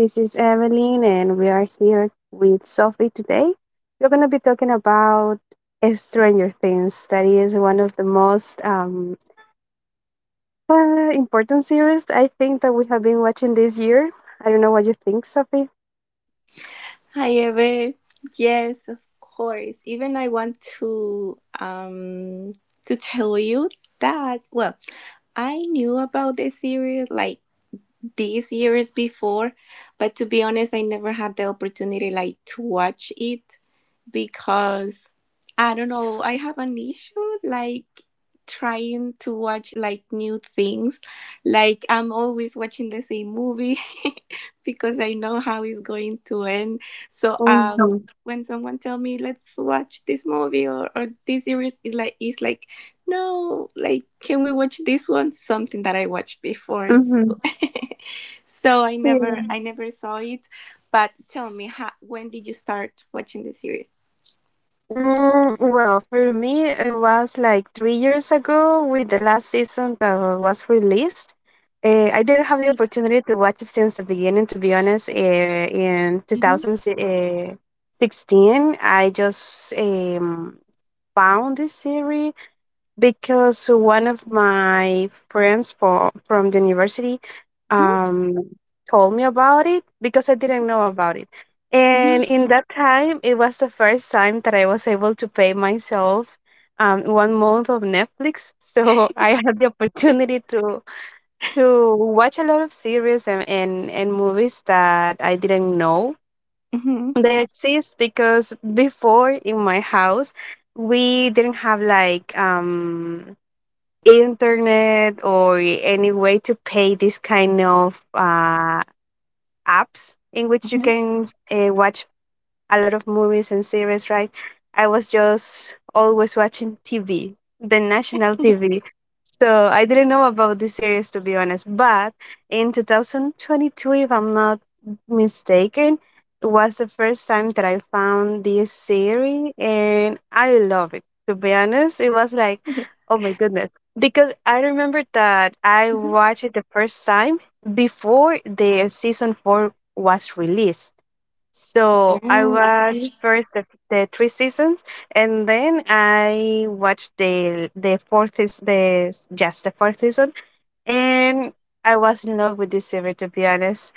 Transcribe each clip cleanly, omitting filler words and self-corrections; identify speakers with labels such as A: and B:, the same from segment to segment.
A: this is Evelyn, and we are here with Sophie today. We're going to be talking about Stranger Things, that is one of the most important series I think that we have been watching this year. I don't know what you think, Sophie.
B: However, yes, of course. Even I want to tell you that, well, I knew about the series like these years before, but to be honest, I never had the opportunity like to watch it because I don't know, I have an issue like trying to watch like new things. Like I'm always watching the same movie because I know how it's going to end. So
A: Mm-hmm.
B: when someone tell me let's watch this movie or this series, it's like, no, like, can we watch this one, something that I watched before? So
A: Mm-hmm.
B: so I
A: Yeah.
B: never I never saw it. But tell me, how, when did you start watching the series?
A: Well, for me, it was like 3 years ago with the last season that was released. I didn't have the opportunity to watch it since the beginning, to be honest. In
B: Mm-hmm.
A: 2016, I just found this series because one of my friends for from the university
B: Mm-hmm.
A: um told me about it because I didn't know about it. And
B: Mm-hmm.
A: in that time, it was the first time that I was able to pay myself one month of Netflix. So I had the opportunity to watch a lot of series and movies that I didn't know
B: Mm-hmm.
A: they exist because before in my house we didn't have like internet or any way to pay this kind of apps in which you
B: Mm-hmm.
A: can watch a lot of movies and series, right? I was just always watching TV, the national TV. So I didn't know about this series, to be honest. But in 2022, if I'm not mistaken, it was the first time that I found this series and I love it. To be honest, it was like, oh my goodness. Because I remember that I watched it the first time before the season four was released. So I
B: Oh,
A: watched
B: okay.
A: first the three seasons, and then I watched the fourth is the just the fourth season, and I was in love with this series, to be honest.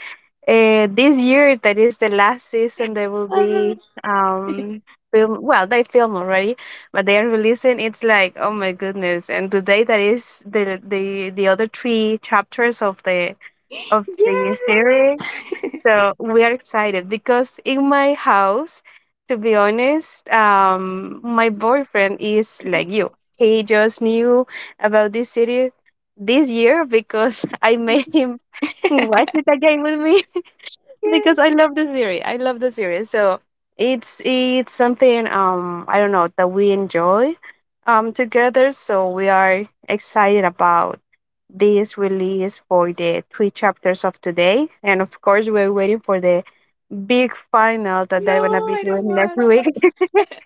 A: This year, that is the last season, they will
B: Ah,
A: be film. Well, they film already, but they are releasing. It's like, oh my goodness! And today, that is the other three chapters of the
B: yes.
A: series, so we are excited because in my house, to be honest, my boyfriend is like
B: Mhm.
A: you. He just knew about this city this year because I made
B: Mhm.
A: him watch it again with me because
B: Yes.
A: I love the series. I love the series. So it's something, I don't know, that we enjoy together. So we are excited about this release for the three chapters of today, and of course we're waiting for the big final that
B: No,
A: they're gonna be
B: I don't
A: doing next
B: want.
A: week.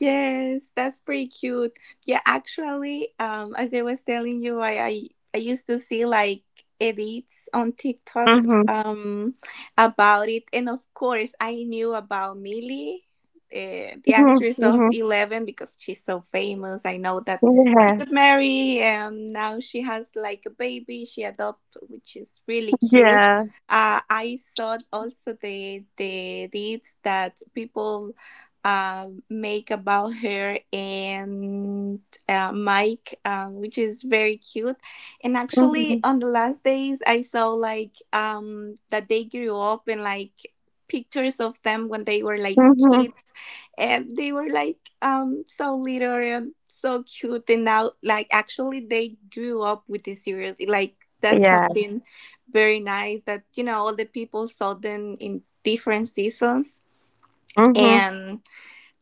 B: Yes, that's pretty cute. Yeah, actually, as I was telling you, I used to see like edits on TikTok
A: Mhm,
B: um about it, and of course, I knew about Millie, the
A: mhm,
B: actress of
A: mhm.
B: Eleven, because she's so famous. I know that she
A: Yeah.
B: got married, and now she has like a baby she adopted, which is really cute.
A: Yes.
B: I saw also the edits that people make about her and Mike, which is very cute. And actually,
A: Mhm,
B: on the last days, I saw like that they grew up and like pictures of them when they were like
A: mhm.
B: kids, and they were like so little and so cute. And now, like actually, they grew up with the series. Like that's
A: Yeah.
B: something very nice that all the people saw them in different seasons.
A: Mhm,
B: And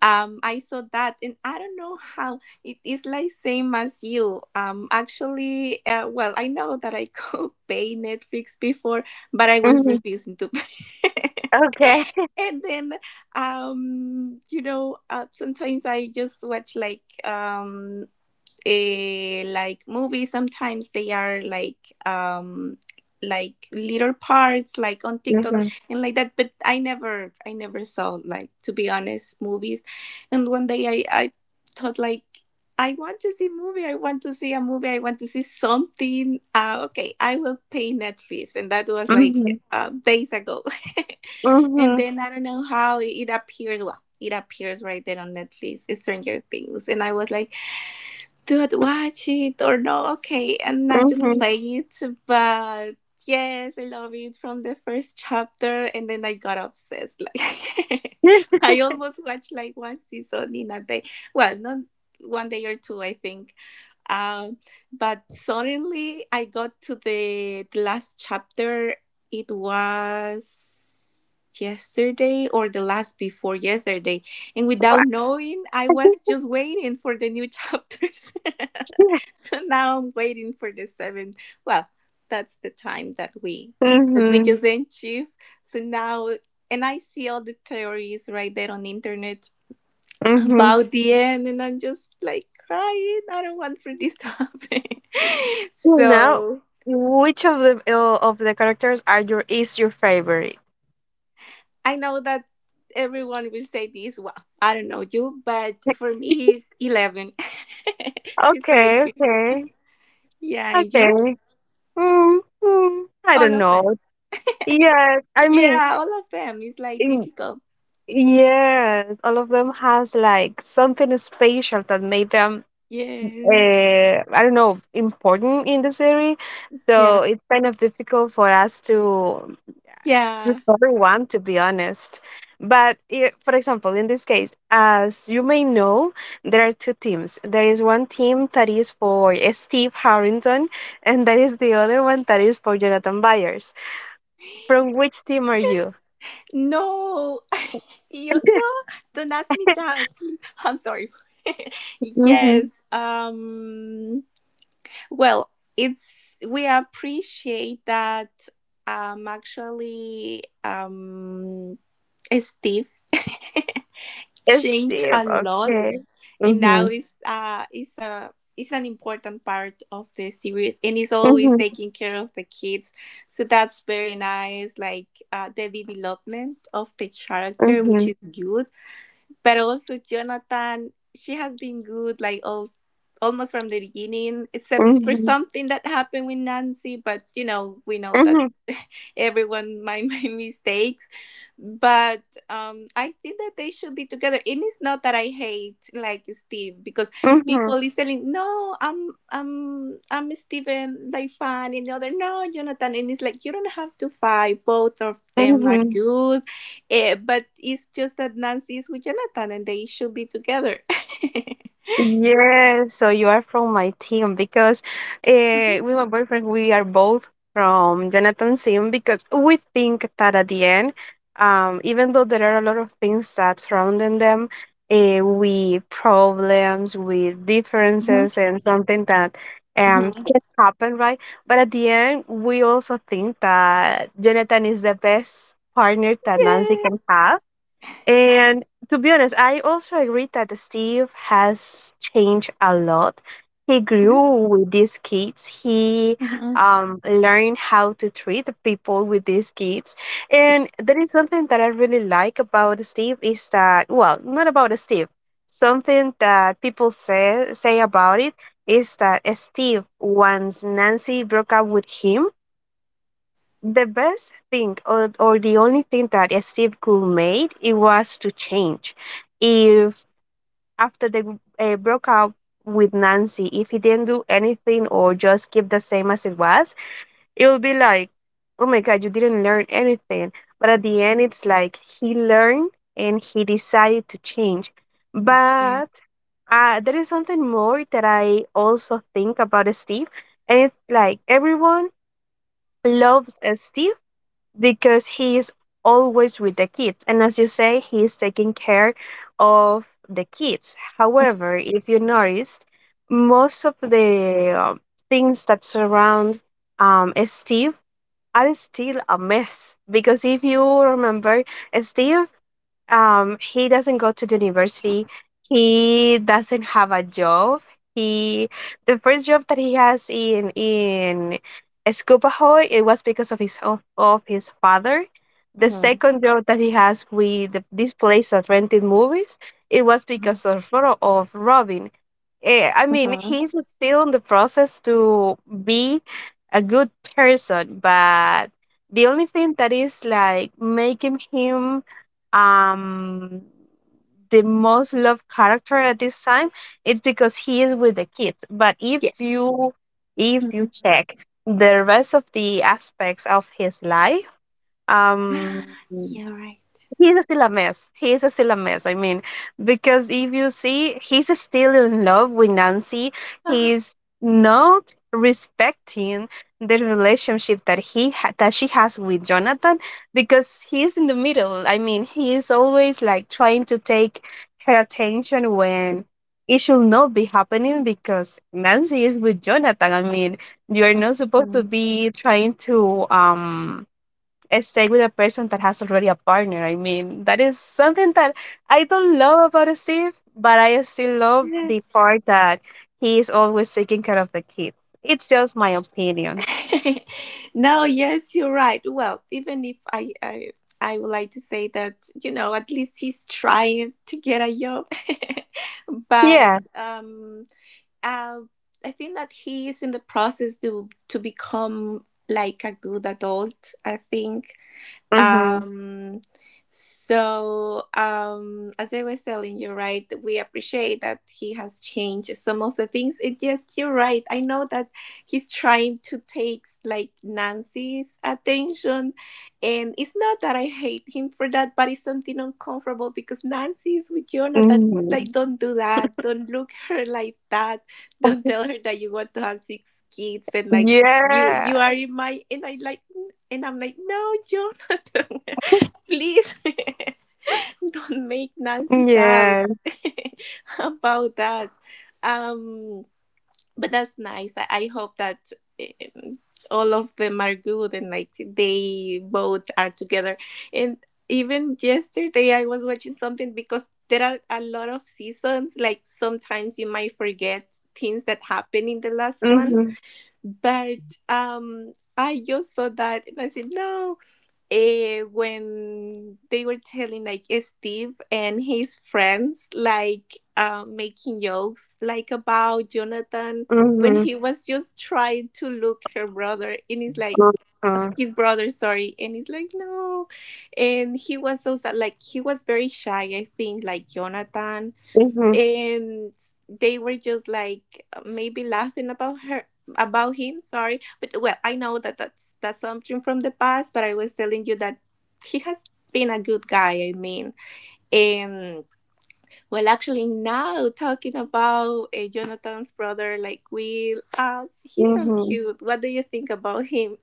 B: I saw that, and I don't know how it is, like, same as you. Actually Well, I know that I could pay Netflix before, but I was
A: mhm.
B: refusing to pay
A: Okay.
B: and then sometimes I just watch like like movies, sometimes they are like little parts like on TikTok
A: Mhm,
B: and like that. But I never saw, like, to be honest, movies. And one day, I thought, like, I want to see movie, I want to see a movie, I want to see something. Okay, I will pay Netflix. And that was like
A: mhm,
B: days ago. And
A: mhm,
B: then I don't know how it appeared. Well, it appears right there on Netflix, Stranger Things. And I was like, do I watch it or no? Okay. And I just
A: mhm.
B: play it, but yes, I love it from the first chapter. And then I got obsessed. Like, I almost watched like one season in a day. Well, not one day or two, I think. Um, but suddenly I got to the last chapter. It was yesterday or the last before yesterday. And without knowing, I was just waiting for the new chapters. So now I'm waiting for the seven. Well, that's the time that we
A: Mhm,
B: just achieved. So now, and I see all the theories right there on the internet
A: mhm.
B: about the end, and I'm just like crying. I don't want for this to happen.
A: Now,
B: So
A: which of the characters are your is your favorite?
B: I know that everyone will say this. Well, I don't know you, but for me it's eleven. She's very
A: Okay,
B: cute.
A: okay,
B: Yeah, and you?
A: okay. I
B: All
A: don't
B: of them.
A: know. Yes, I mean,
B: Yeah, all of them. It's like difficult.
A: yes, all of them has like something special that made them,
B: Yes.
A: I don't know, important in the series.
B: Yeah.
A: So it's kind of difficult for us to
B: Yeah.
A: prefer one, to be honest. But I, for example, in this case, as you may know, there are two teams. There is one team that is for Steve Harrington, and there is the other one that is for Jonathan Byers. From which team are you?
B: No. Don't ask me that. I'm sorry.
A: Mm-hmm.
B: Yes. Well, it's, we appreciate that actually Steve changed
A: Steve,
B: a lot
A: okay.
B: and
A: Mm-hmm.
B: now is an important part of the series and is always
A: Mhm,
B: taking care of the kids. So that's very nice, like, the development of the character, which
A: mhm,
B: is good. But also Jonathan, she has been good, like, all almost from the beginning, except for
A: mhm,
B: something that happened with Nancy. But we know that
A: mhm,
B: everyone, my my mistakes, but I think that they should be together. And it's not that I hate, like, Steve, because
A: mhm,
B: people is telling, no, I'm Steven, like, fine, and the other, no, Jonathan. And it's like you don't have to fight, both of them are
A: mhm.
B: good, but it's just that Nancy is with Jonathan, and they should be together.
A: Yes, so you are from my team, because
B: Mhm,
A: with my boyfriend we are both from Jonathan's team, because we think that at the end, even though there are a lot of things that surrounding them, we problems with
B: mhm.
A: differences and something that
B: Mhm.
A: can happen, right? But at the end, we also think that Jonathan is the best partner that Nancy
B: Yeah.
A: can have. And to be honest, I also agree that Steve has changed a lot. He grew with these kids. He
B: Mhm, mhm.
A: learned how to treat the people with these kids. And there is something that I really like about Steve is that, well, not about Steve. Something that people say about it is that Steve, once Nancy broke up with him, the best thing, or, the only thing that Steve could made, it was to change. If after the broke up with Nancy, if he didn't do anything or just keep the same as it was, it would be like, oh my god, you didn't learn anything. But at the end, it's like he learned and he decided to change.
B: Yeah.
A: But there is something more that I also think about Steve, and it's like everyone loves Steve because he is always with the kids, and as you say he is taking care of the kids. However, if you noticed, most of the things that surround Steve are still a mess. Because if you remember, Steve he doesn't go to the university, he doesn't have a job. He the first job that he has in Escupajo, it was because of his of his father. The
B: Mhm,
A: second job that he has with this place that rented movies, it was
B: mhm,
A: because of Robin. I mean,
B: mhm.
A: he's still in the process to be a good person, but the only thing that is like making him um the most loved character at this time, it's because he is with the kids. But if you if
B: Yeah.
A: you check the rest of the aspects of his life, um
B: You're right.
A: he's a still a mess. He's a still a mess. I mean, because if you see, he's still in love with Nancy.
B: Ah,
A: He's not respecting the relationship that that she has with Jonathan, because he's in the middle. I mean, he is always like trying to take her attention when it should not be happening, because Nancy is with Jonathan. I mean, you are not supposed to
B: mm.
A: be trying to stay with a person that has already a partner. I mean, that is something that I don't love about Steve, but I still love the part that he is always taking care of the kids. It's just my opinion.
B: No, yes, you're right. Well, even if I would like to say that at least he's trying to get a job, but
A: Yeah.
B: uh, I think that he is in the process to become like a good adult. I think.
A: Mm-hmm.
B: Um, so, as I was telling you, right, we appreciate that he has changed some of the things. And yes, you're right. I know that he's trying to take like Nancy's attention, and it's not that I hate him for that, but it's something uncomfortable because Nancy is with Jonathan. It's like,
A: Mm-hmm.
B: don't do that. Don't look her like that. Don't tell her that you want to have six kids and like you
A: Yeah.
B: are in my and I like. And I'm like, no, Jonathan, please don't make Nancy doubt
A: Yeah.
B: about that. Um, but that's nice. I hope that um, all of them are good, and like they both are together. And even yesterday, I was watching something because there are a lot of seasons. Like, sometimes you might forget things that happened in the last one,
A: Mm-hmm.
B: but I just saw that and I said, no, when they were telling like Steve and his friends like making jokes like about Jonathan when
A: Mm-hmm.
B: he was just trying to look her brother, and it's like
A: Mm-hmm.
B: his brother, sorry, and he's like, no, and he was so sad, like, he was very shy, I think, like Jonathan. And they were just like maybe laughing about her, about him, sorry. But well, I know that that's something from the past. But I was telling you that he has been a good guy, I mean, um well, actually, now talking about Jonathan's brother, like Will, he's so
A: Mm-hmm.
B: cute. What do you think about him?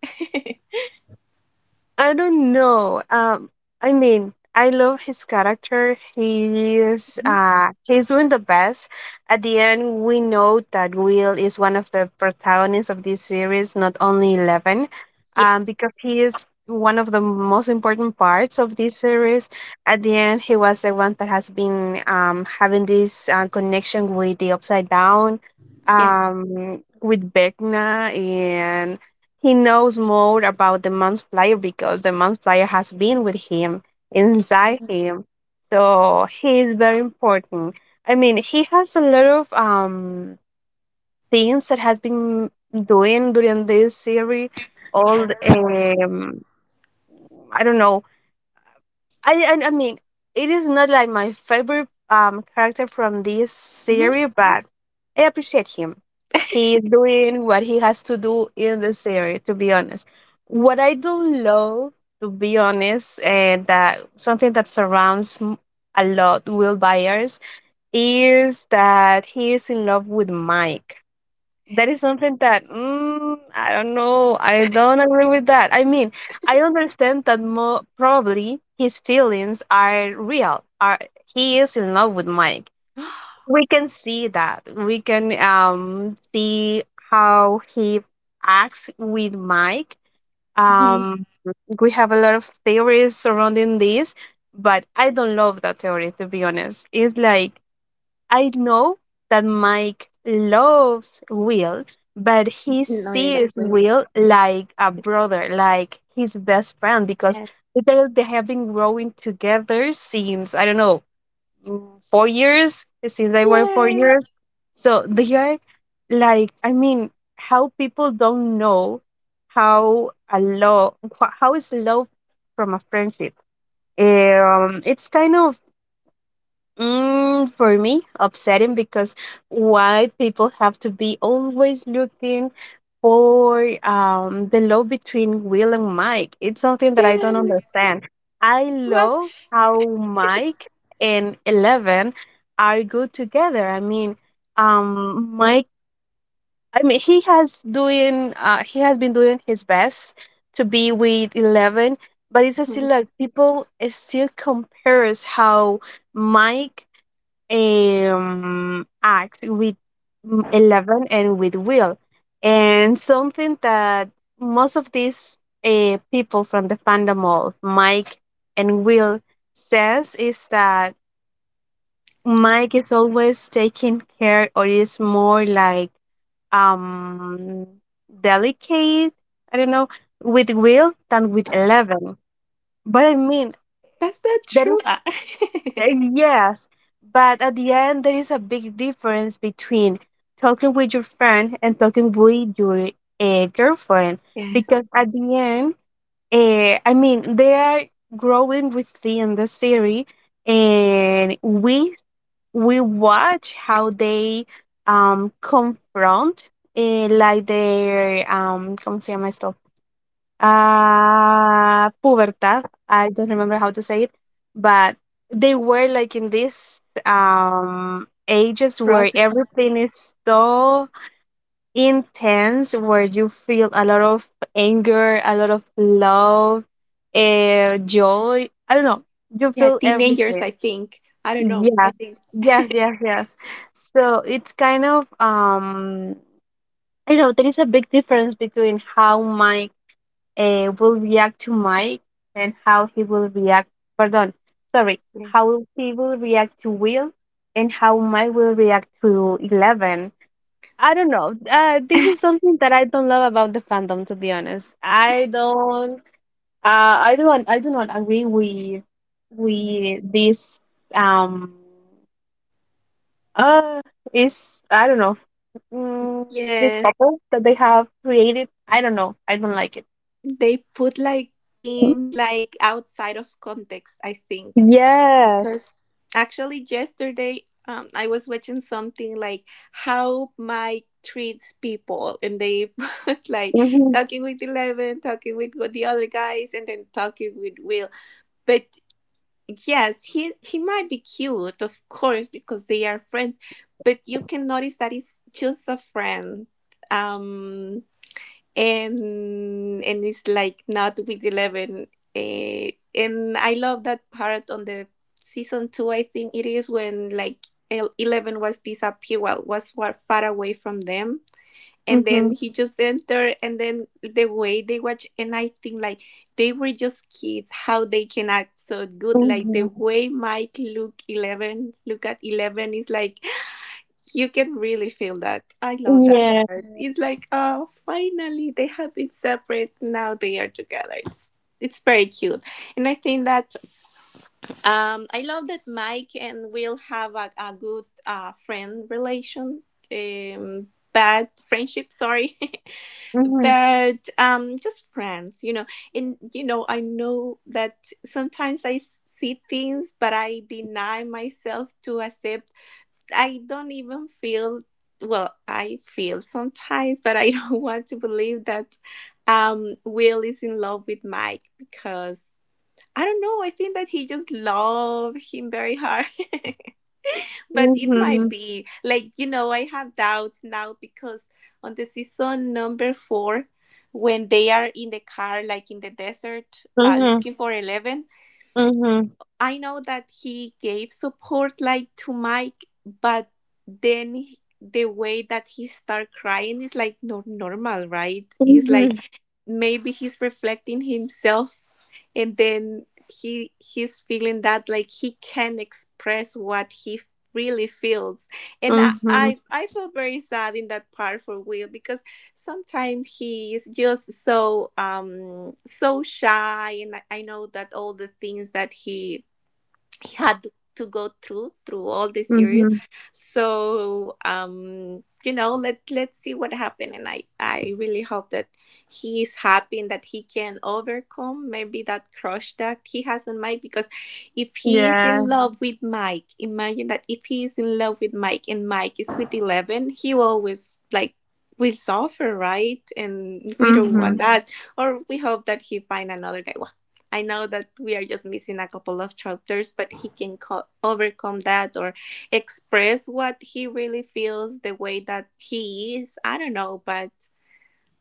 A: I don't know. I mean, I love his character. He is
B: Mhm.
A: uh, he's doing the best. At the end, we know that Will is one of the protagonists of this series, not only Eleven,
B: Yes,
A: because he is one of the most important parts of this series. At the end, he was the one that has been having this connection with the Upside Down,
B: yes.
A: with Vecna. He knows more about the Manslayer because the Manslayer has been with him, inside him. So he is very important. I mean, he has a lot of things that has been doing during this series. All the, um, I don't know, I mean, it is not like my favorite character from this
B: Mhm. Mhm.
A: series, but I appreciate him. He is doing what he has to do in the series. To be honest, what I don't love, to be honest, and that something that surrounds a lot Will Byers is that he is in love with Mike. That is something that, I don't know. I don't agree with that. I mean, I understand that more probably his feelings are real. Are he is in love with Mike. We can see that. We can see how he acts with Mike. Um, we have a lot of theories surrounding this, but I don't love that theory, to be honest. It's like I know that Mike loves Will, but he
B: No, in that
A: sees
B: way,
A: Will like a brother, like his best friend, because
B: yes,
A: literally they have been growing together since, I don't know, 4 years, since I were four
B: yes,
A: years. So they are like, I mean, how people don't know how a love, how is love from a friendship. It's kind of, for me, upsetting, because why people have to be always looking for the love between Will and Mike. It's something that I don't
B: yes,
A: understand. I love
B: watch.
A: how Mike and Eleven are good together. I mean, Mike. I mean, he has doing. He has been doing his best to be with Eleven, but it's still like people still compares how Mike acts with, 11 and with Will, and something that most of these people from the fandom of Mike and Will says is that Mike is always taking care or is more like um delicate, I don't know, with Will than with 11. But I mean,
B: That's not
A: that
B: true.
A: is.
B: Ah.
A: Uh, Yes, but at the end, there is a big difference between talking with your friend and talking with your girlfriend,
B: Yes.
A: because at the end, I mean, they are growing within the series, and we watch how they confront, like, their ¿cómo se llama esto? Pubertad. I don't remember how to say it, but they were like in this ages where
B: Process.
A: everything is so intense, where you feel a lot of anger, a lot of love, joy. I don't know. You
B: Yeah,
A: feel
B: teenagers,
A: everything.
B: I think. I don't know. I
A: Yes,
B: think.
A: yes, yes, yes. So it's kind of. I don't know, there is a big difference between how my will react to Mike and how he will react. Pardon, sorry,
B: Yes.
A: how he will react to Will and how Mike will react to Eleven. I don't know. This is something that I don't love about the fandom, to be honest. I don't. I don't. I do not agree with this. Um. Uh, is I don't know. Mm, this
B: Yes.
A: couple that they have created. I don't know. I don't like it.
B: They put like things like outside of context, I think.
A: Yes.
B: Because actually, yesterday I was watching something like how Mike treats people, and they put like talking with Eleven, talking with the other guys, and then talking with Will. But yes, he might be cute, of course, because they are friends, but you can notice that he's just a friend. Um and and it's like, not with Eleven. And I love that part on the season two, I think it is when, like, Eleven was disappear, well, was far away from them, and then
A: Mhm,
B: he just entered, and then the way they watch. And I think, like, they were just kids. How they can act so good. Like the
A: mhm.
B: way Mike look Eleven, look at Eleven, is like you can really feel that. I love that part. It's
A: Yes.
B: like, oh, finally they have been separate, now they are together. It's very cute. And I think that I love that Mike and Will have a good friend relation, um bad friendship, sorry,
A: Mhm,
B: but just friends. And, I know that sometimes I see things, but I deny myself to accept. I don't even feel, well, I feel sometimes, but I don't want to believe that Will is in love with Mike, because I don't know, I think that he just love him very hard. But it might
A: mhm,
B: be like, I have doubts now, because on the season number four when they are in the car, like in the desert,
A: mhm,
B: looking for Eleven,
A: mhm,
B: I know that he gave support like to Mike, but then the way that he start crying is like not normal, right? It's like
A: mhm,
B: maybe he's reflecting himself, and then he's feeling that like he can express what he really feels. And I,
A: mhm,
B: I i feel very sad in that part for Will, because sometimes he is just so shy. And I know that all the things that he had to go through all this year,
A: mhm.
B: so let's see what happened. And I really hope that he is happy, and that he can overcome maybe that crush that he has on Mike, because if he is
A: Yeah.
B: in love with Mike, imagine that. If he is in love with Mike and Mike is with 11, he always, like, will suffer, right? And we don't want
A: Mhm,
B: that, or we hope that he find another guy. I know that we are just missing a couple of chapters, but he can overcome that, or express what he really feels, the way that he is. I don't know, but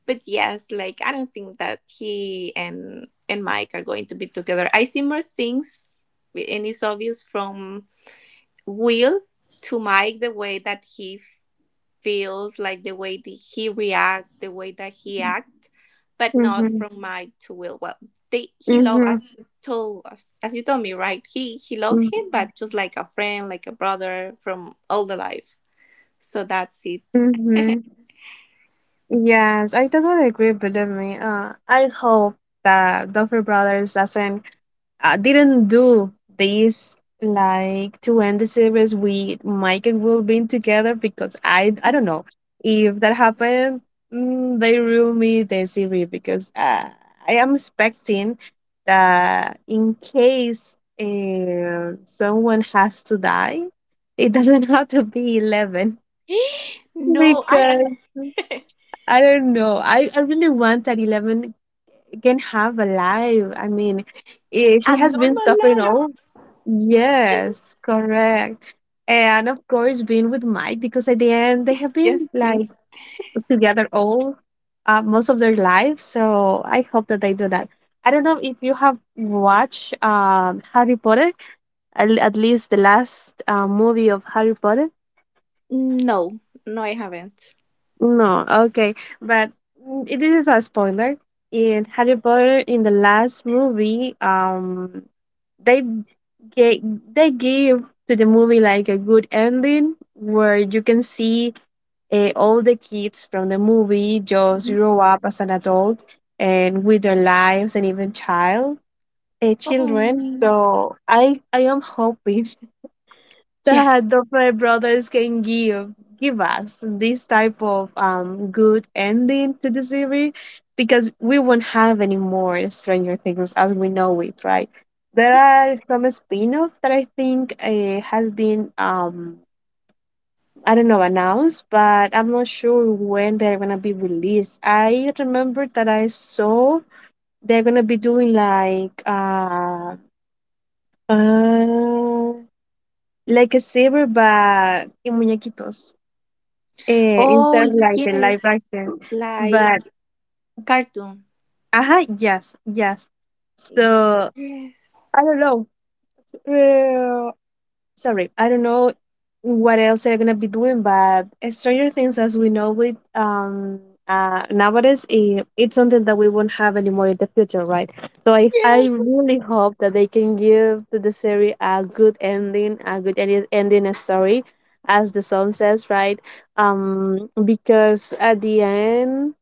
B: yes, like, I don't think that he and Mike are going to be together. I see more things, and it's obvious from Will to Mike, the way that he feels, like the way that he react, the way that he act, but not
A: mhm,
B: from my to Will. Well, they he love,
A: mhm,
B: as you told us, as you told me, right? He loved
A: mm,
B: him, but just like a friend, like a brother from all the life. So that's it.
A: mhm. Yes, I totally agree. Believe me. I hope that Duffer Brothers doesn't I didn't do this like to end the series with Mike and Will being together because I don't know if that happened. They ruin me the series because I am expecting that in case someone has to die, it doesn't have to be Eleven
B: No, I
A: because I don't know. I really want that Eleven can have a life. I mean, she
B: a
A: has been
B: normal
A: suffering
B: life.
A: all. Yes, correct. And of course, being with Mike because at the end they have
B: Yes, yes,
A: been like
B: please.
A: together all most of their lives. So I hope that they do that. I don't know if you have watched Harry Potter, at least the last movie of Harry Potter.
B: No, no, I haven't.
A: No, okay, but this is a spoiler. In Harry Potter, in the last movie, they gave they give to the movie like a good ending where you can see all the kids from the movie just
B: Mhm.
A: grow up as an adult and with their lives and even children.
B: Oh,
A: So I am hoping
B: yes.
A: that the Fry brothers can give us this type of good ending to the series because we won't have any more Stranger Things as we know it, right? There are some spin-offs that I think has been I don't know announced, but I'm not sure when they're gonna be released. I remember that I saw they're gonna be doing uh like a saber but in muñequitos. Instead
B: Oh,
A: of like the live
B: yes,
A: action.
B: like
A: But
B: cartoon.
A: yes, yes. So
B: Yes.
A: I don't know. Uh, Sorry, I don't know what else they're gonna be doing, but Stranger Things, as we know it, nowadays, it's something that we won't have anymore in the future, right? So I
B: Yes.
A: really hope that they can give to the series a good ending, a good ending, a story, as the song says, right? Because at the end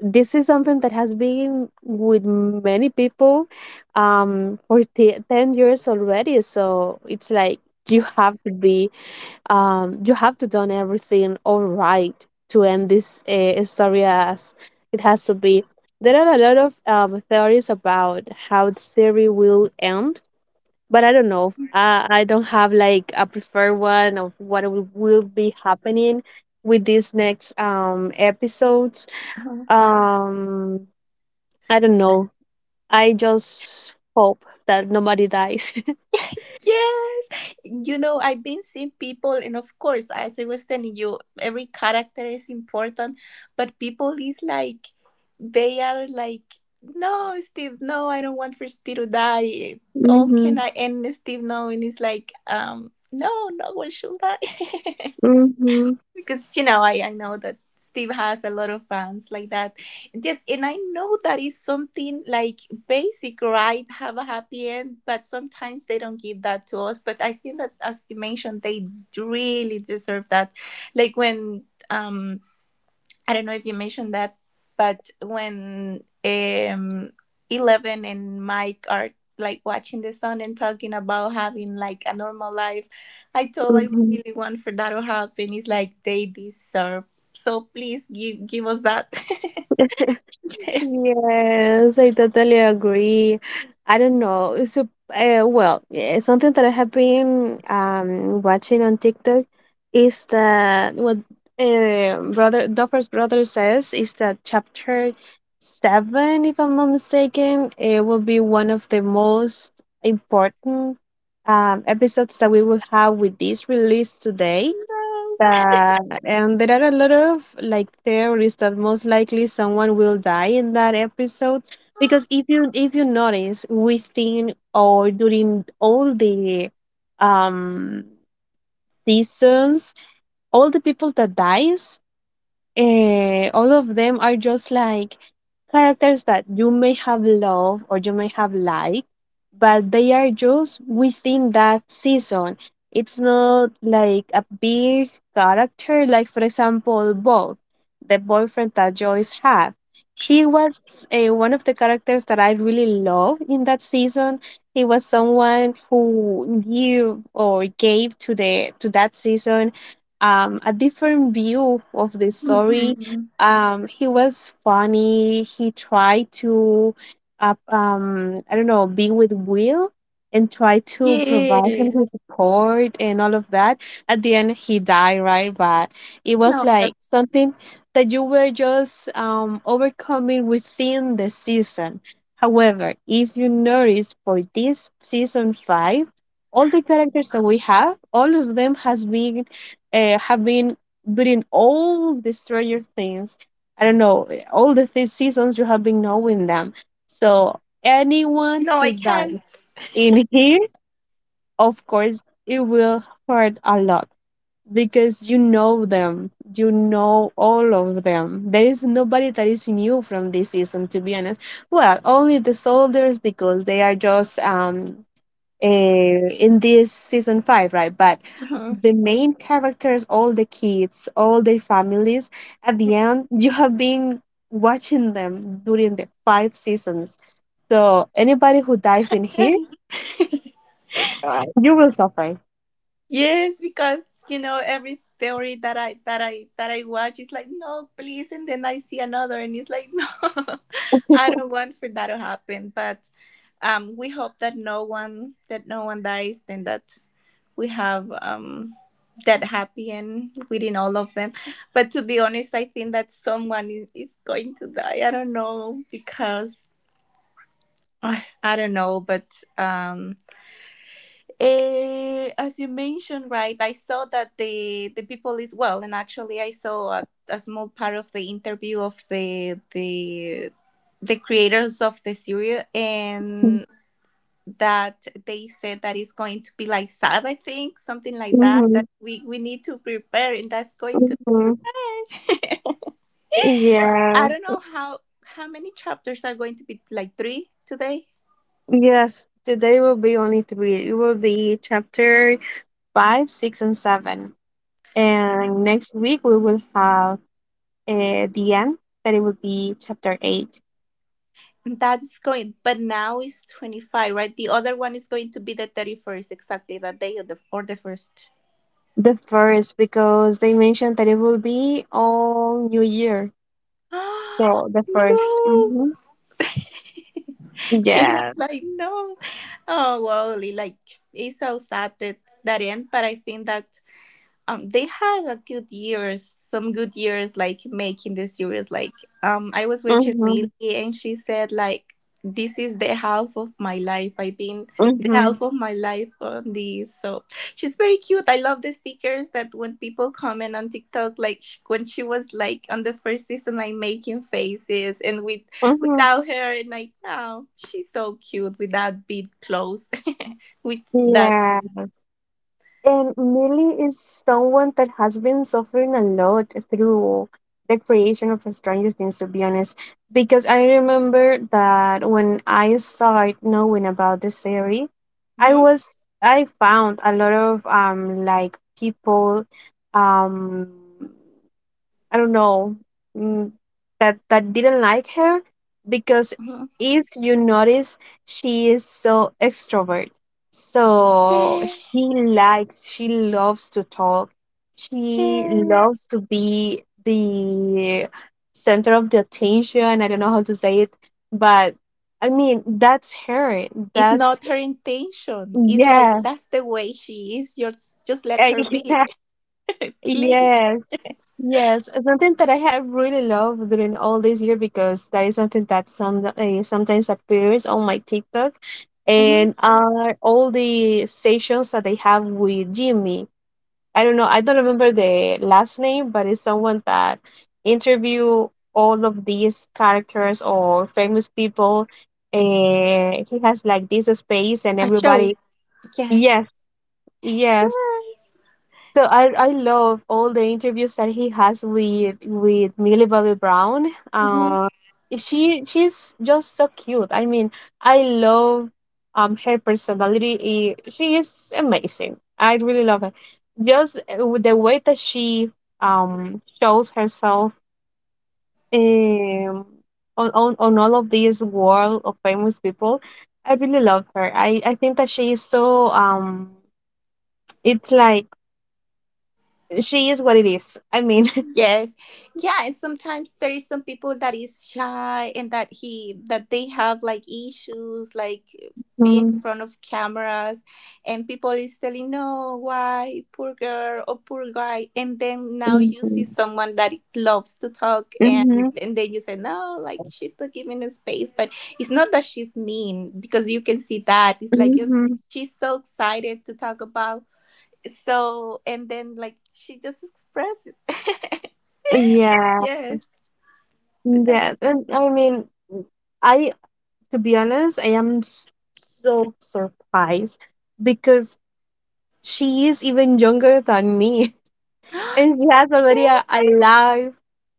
A: this is something that has been with many people for 10 years already. So it's like you have to be you have to done everything all right to end this story as it has to be. There are a lot of theories about how the series will end, but I don't know, I don't have like a preferred one of what will be happening with these next episodes. um I don't know. I just hope that nobody dies.
B: Yes, I've been seeing people, and of course, as I was telling you, every character is important. But people is like, they are like, no, Steve, no, I don't want for Steve to die. All, can
A: Mm-hmm.
B: I end Steve? No. And it's like, no, no one should die.
A: Mm-hmm.
B: Because, I know that Steve has a lot of fans like that, just. And I know that is something like basic, right? Have a happy end, but sometimes they don't give that to us. But I think that, as you mentioned, they really deserve that, like when um I don't know if you mentioned that, but when Eleven and Mike are like watching the sun and talking about having like a normal life, I
A: Mm-hmm.
B: really want for that to happen. It's like they deserve. So please give us that. Yes.
A: Yes, I totally agree. I don't know. So, well, something that I have been watching on TikTok is that what brother Duffer's brother says is that chapter seven, if I'm not mistaken, it will be one of the most important episodes that we will have with this release today.
B: No.
A: That, and there are a lot of like theories that most likely someone will die in that episode, because if you notice within or during all the um seasons, all the people that dies, all of them are just like characters that you may have loved or you may have liked, but they are just within that season. It's not like a big character, like, for example, Bob, the boyfriend that Joyce had. He was one of the characters that I really love in that season. He was someone who give or gave to the to that season a different view of the story.
B: Mhm.
A: He was funny. He tried to, I don't know, be with Will and try to provide him
B: Yes.
A: his support and all of that. At the end, he died, right? But it was
B: No.
A: like
B: That's,
A: something that you were just overcoming within the season. However, if you notice for this season five, all the characters that we have, all of them has been have been doing all the Stranger Things. I don't know, all the three seasons you have been knowing them. So anyone
B: no, I
A: who
B: can't.
A: dies in here, of course, it will hurt a lot because you know them. You know all of them. There is nobody that is new from this season, to be honest. Well, only the soldiers because they are just in this season five, right? But
B: Mhm.
A: the main characters, all the kids, all their families, at the end, you have been watching them during the five seasons. So anybody who dies in here, you will suffer.
B: Yes, because, every theory that I watch is like, no, please. And then I see another, and it's like, no, I don't want for that to happen. But we hope that no one dies, and that we have that happy end within all of them. But to be honest, I think that someone is going to die. I don't know, because I don't know, but as you mentioned, right, I saw that the people is well. And actually, I saw a small part of the interview of the creators of the series, and that they said that it's going to be like sad, I think, something like that. That we need to prepare, and that's going to...
A: Mhm.
B: I don't
A: Yeah.
B: know how many chapters are going to be, like, three today.
A: Yes, today will be only three. It will be chapter five, six, and seven. And next week we will have the end. But it will be chapter eight.
B: That is going, but now is 25, right? The other one is going to be the 31st, exactly that day, or the first.
A: The first, because they mentioned that it will be on New Year. So the 1st.
B: No.
A: Mm-hmm.
B: And
A: Yeah.
B: I'm like, no. Oh, well, like, it's so sad that that end. But I think that they had a good years some good years, like making the series, like I was watching
A: Mm-hmm.
B: Millie, and she said, like, this is the half of my life. I've been the
A: Mm-hmm.
B: half of my life on this, so she's very cute. I love the stickers that when people comment on TikTok, like, when she was like on the first season, like making faces, and with
A: Mm-hmm.
B: without her. And like, oh, she's so cute with that big clothes. With that.
A: Yeah. And Millie is someone that has been suffering a lot through the creation of Stranger Things, to be honest. Because I remember that when I started knowing about the series,
B: Mhm,
A: I found a lot of like people, um I don't know, mm, that didn't like her, because if you notice, she is so extrovert. So she likes, she loves to talk. She
B: mhm.
A: loves to be the center of the attention. I don't know how to say it, but I mean that's her.
B: It's
A: That's
B: not her intention. It's like,
A: yeah,
B: that's the way she is. Just let her be,
A: yeah.
B: please.
A: Yes, yes, it's something that I have really loved during all this year because that is something that sometimes appears on my TikTok,
B: Hmm.
A: and are all the sessions that they have with Jimmy. I don't know, I don't remember the last name, but it's someone that interview all of these characters or famous people, and he has like this space, and
B: A show,
A: everybody.
B: yes.
A: Yes, yes,
B: Yeah.
A: so I love all the interviews that he has with Millie Bobby Brown.
B: Mhm.
A: She's just so cute. I mean, I love her personality. She is amazing. I really love her. Just with the way that she shows herself um on all of these world of famous people. I really love her. I think that she is so. It's like she is what it is. I mean.
B: Yes, yeah. And sometimes there is some people that is shy, and that they have like issues, like being in
A: Mhm,
B: front of cameras, and people is telling, no, why, poor girl or poor guy. And then now you see
A: mhm,
B: someone that loves to talk, and
A: mhm,
B: and then you say, no, like, she's not giving a space. But it's not that she's mean, because you can see that it's like, just,
A: mhm.
B: she's so excited to talk about. So, and then, like, she just expresses it.
A: Yeah.
B: Yes, but that's,
A: Yeah. And I mean, I to be honest, I am so surprised because she is even younger than me. And she has already a life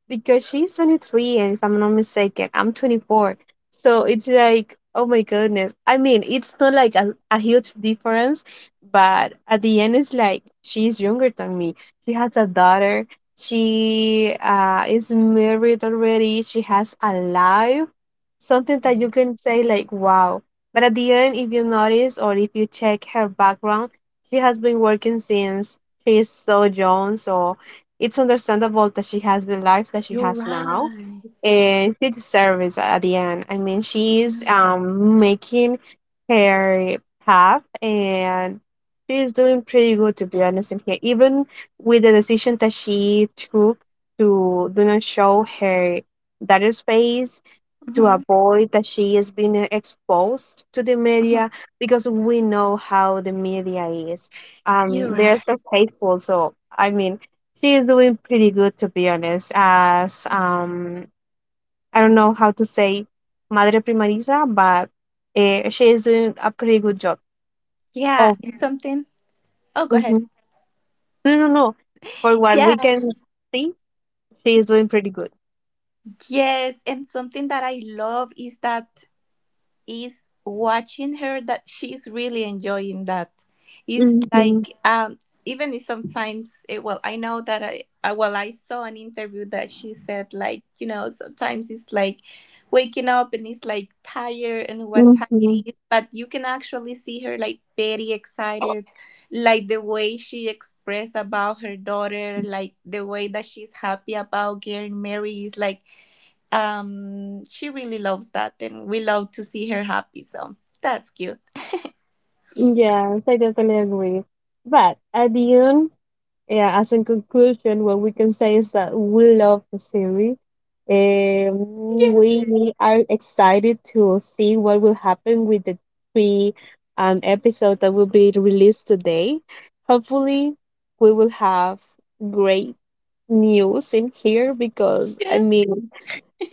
A: because she's 23, and if I'm not mistaken I'm 24. So it's like, oh my goodness. I mean, it's not like a huge difference, but at the end it's like she's younger than me. She has a daughter, she is married already, she has a life, something that
B: yeah.
A: you can say like wow. But at the end, if you notice or if you check her background, she has been working since she is so Jones, so it's understandable that she has the life that she
B: You're
A: has now,
B: right.
A: and she deserves it at the end. I mean, she's making her path, and she's doing pretty good, to be honest in here. Even with the decision that she took to do not show her daughter's face, to
B: Mm-hmm.
A: avoid that she is being exposed to the media because we know how the media is.
B: You're
A: They're
B: right.
A: so hateful. So I mean, she is doing pretty good, to be honest. As I don't know how to say Madre Primariza, but she is doing a pretty good job.
B: Yeah,
A: Oh,
B: and something. Oh, go ahead.
A: hmm no, no, no. For what we
B: Yeah.
A: can see, she is doing pretty good.
B: Yes, and something that I love is watching her, that she's really enjoying that. It's
A: Mm-hmm.
B: like, even if sometimes it, well, I know that I well, I saw an interview that she said, like, sometimes it's like waking up, and it's like tired and what time
A: Mm-hmm.
B: it is. But you can actually see her like very excited, like the way she expressed about her daughter, like the way that she's happy about getting married. Is like, she really loves that, and we love to see her happy, so that's cute.
A: Yes, I totally agree. But at the end, yeah, as in conclusion, what we can say is that we love the series. Um,
B: Yes,
A: we are excited to see what will happen with the three episodes that will be released today. Hopefully, we will have great news in here because, I
B: yes.
A: mean,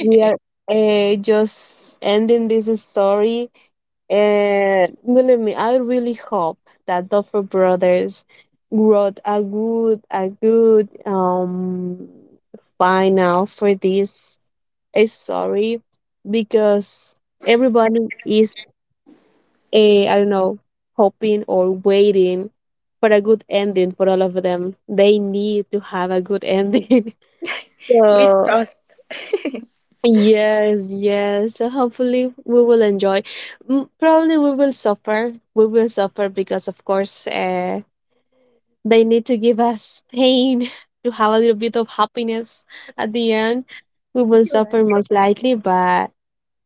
A: we are just ending this story. And believe me, I really hope that Duffer Brothers wrote a good final for this a story because everybody is I don't know hoping or waiting for a good ending for all of them. They need to have a good ending.
B: We
A: So
B: trust.
A: yes, yes. So hopefully we will enjoy. Probably we will suffer. We will suffer because, of course, they need to give us pain to have a little bit of happiness at the end. We will suffer most likely, but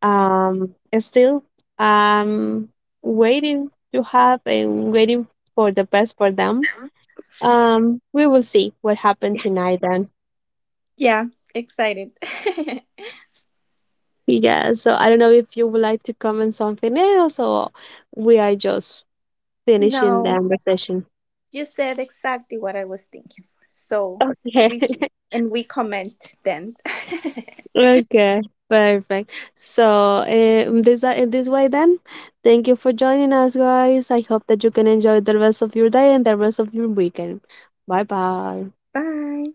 A: um, still, um, waiting to have and waiting for the best for them. We will see what happened tonight. Then.
B: Yeah, excited.
A: Yeah, so I don't know if you would like to comment something else or we are just finishing the
B: No,
A: conversation.
B: you said exactly what I was thinking. So
A: Okay.
B: we see and we comment then.
A: Okay, perfect. So, this in this way then, thank you for joining us, guys. I hope that you can enjoy the rest of your day and the rest of your weekend. Bye bye.
B: Bye.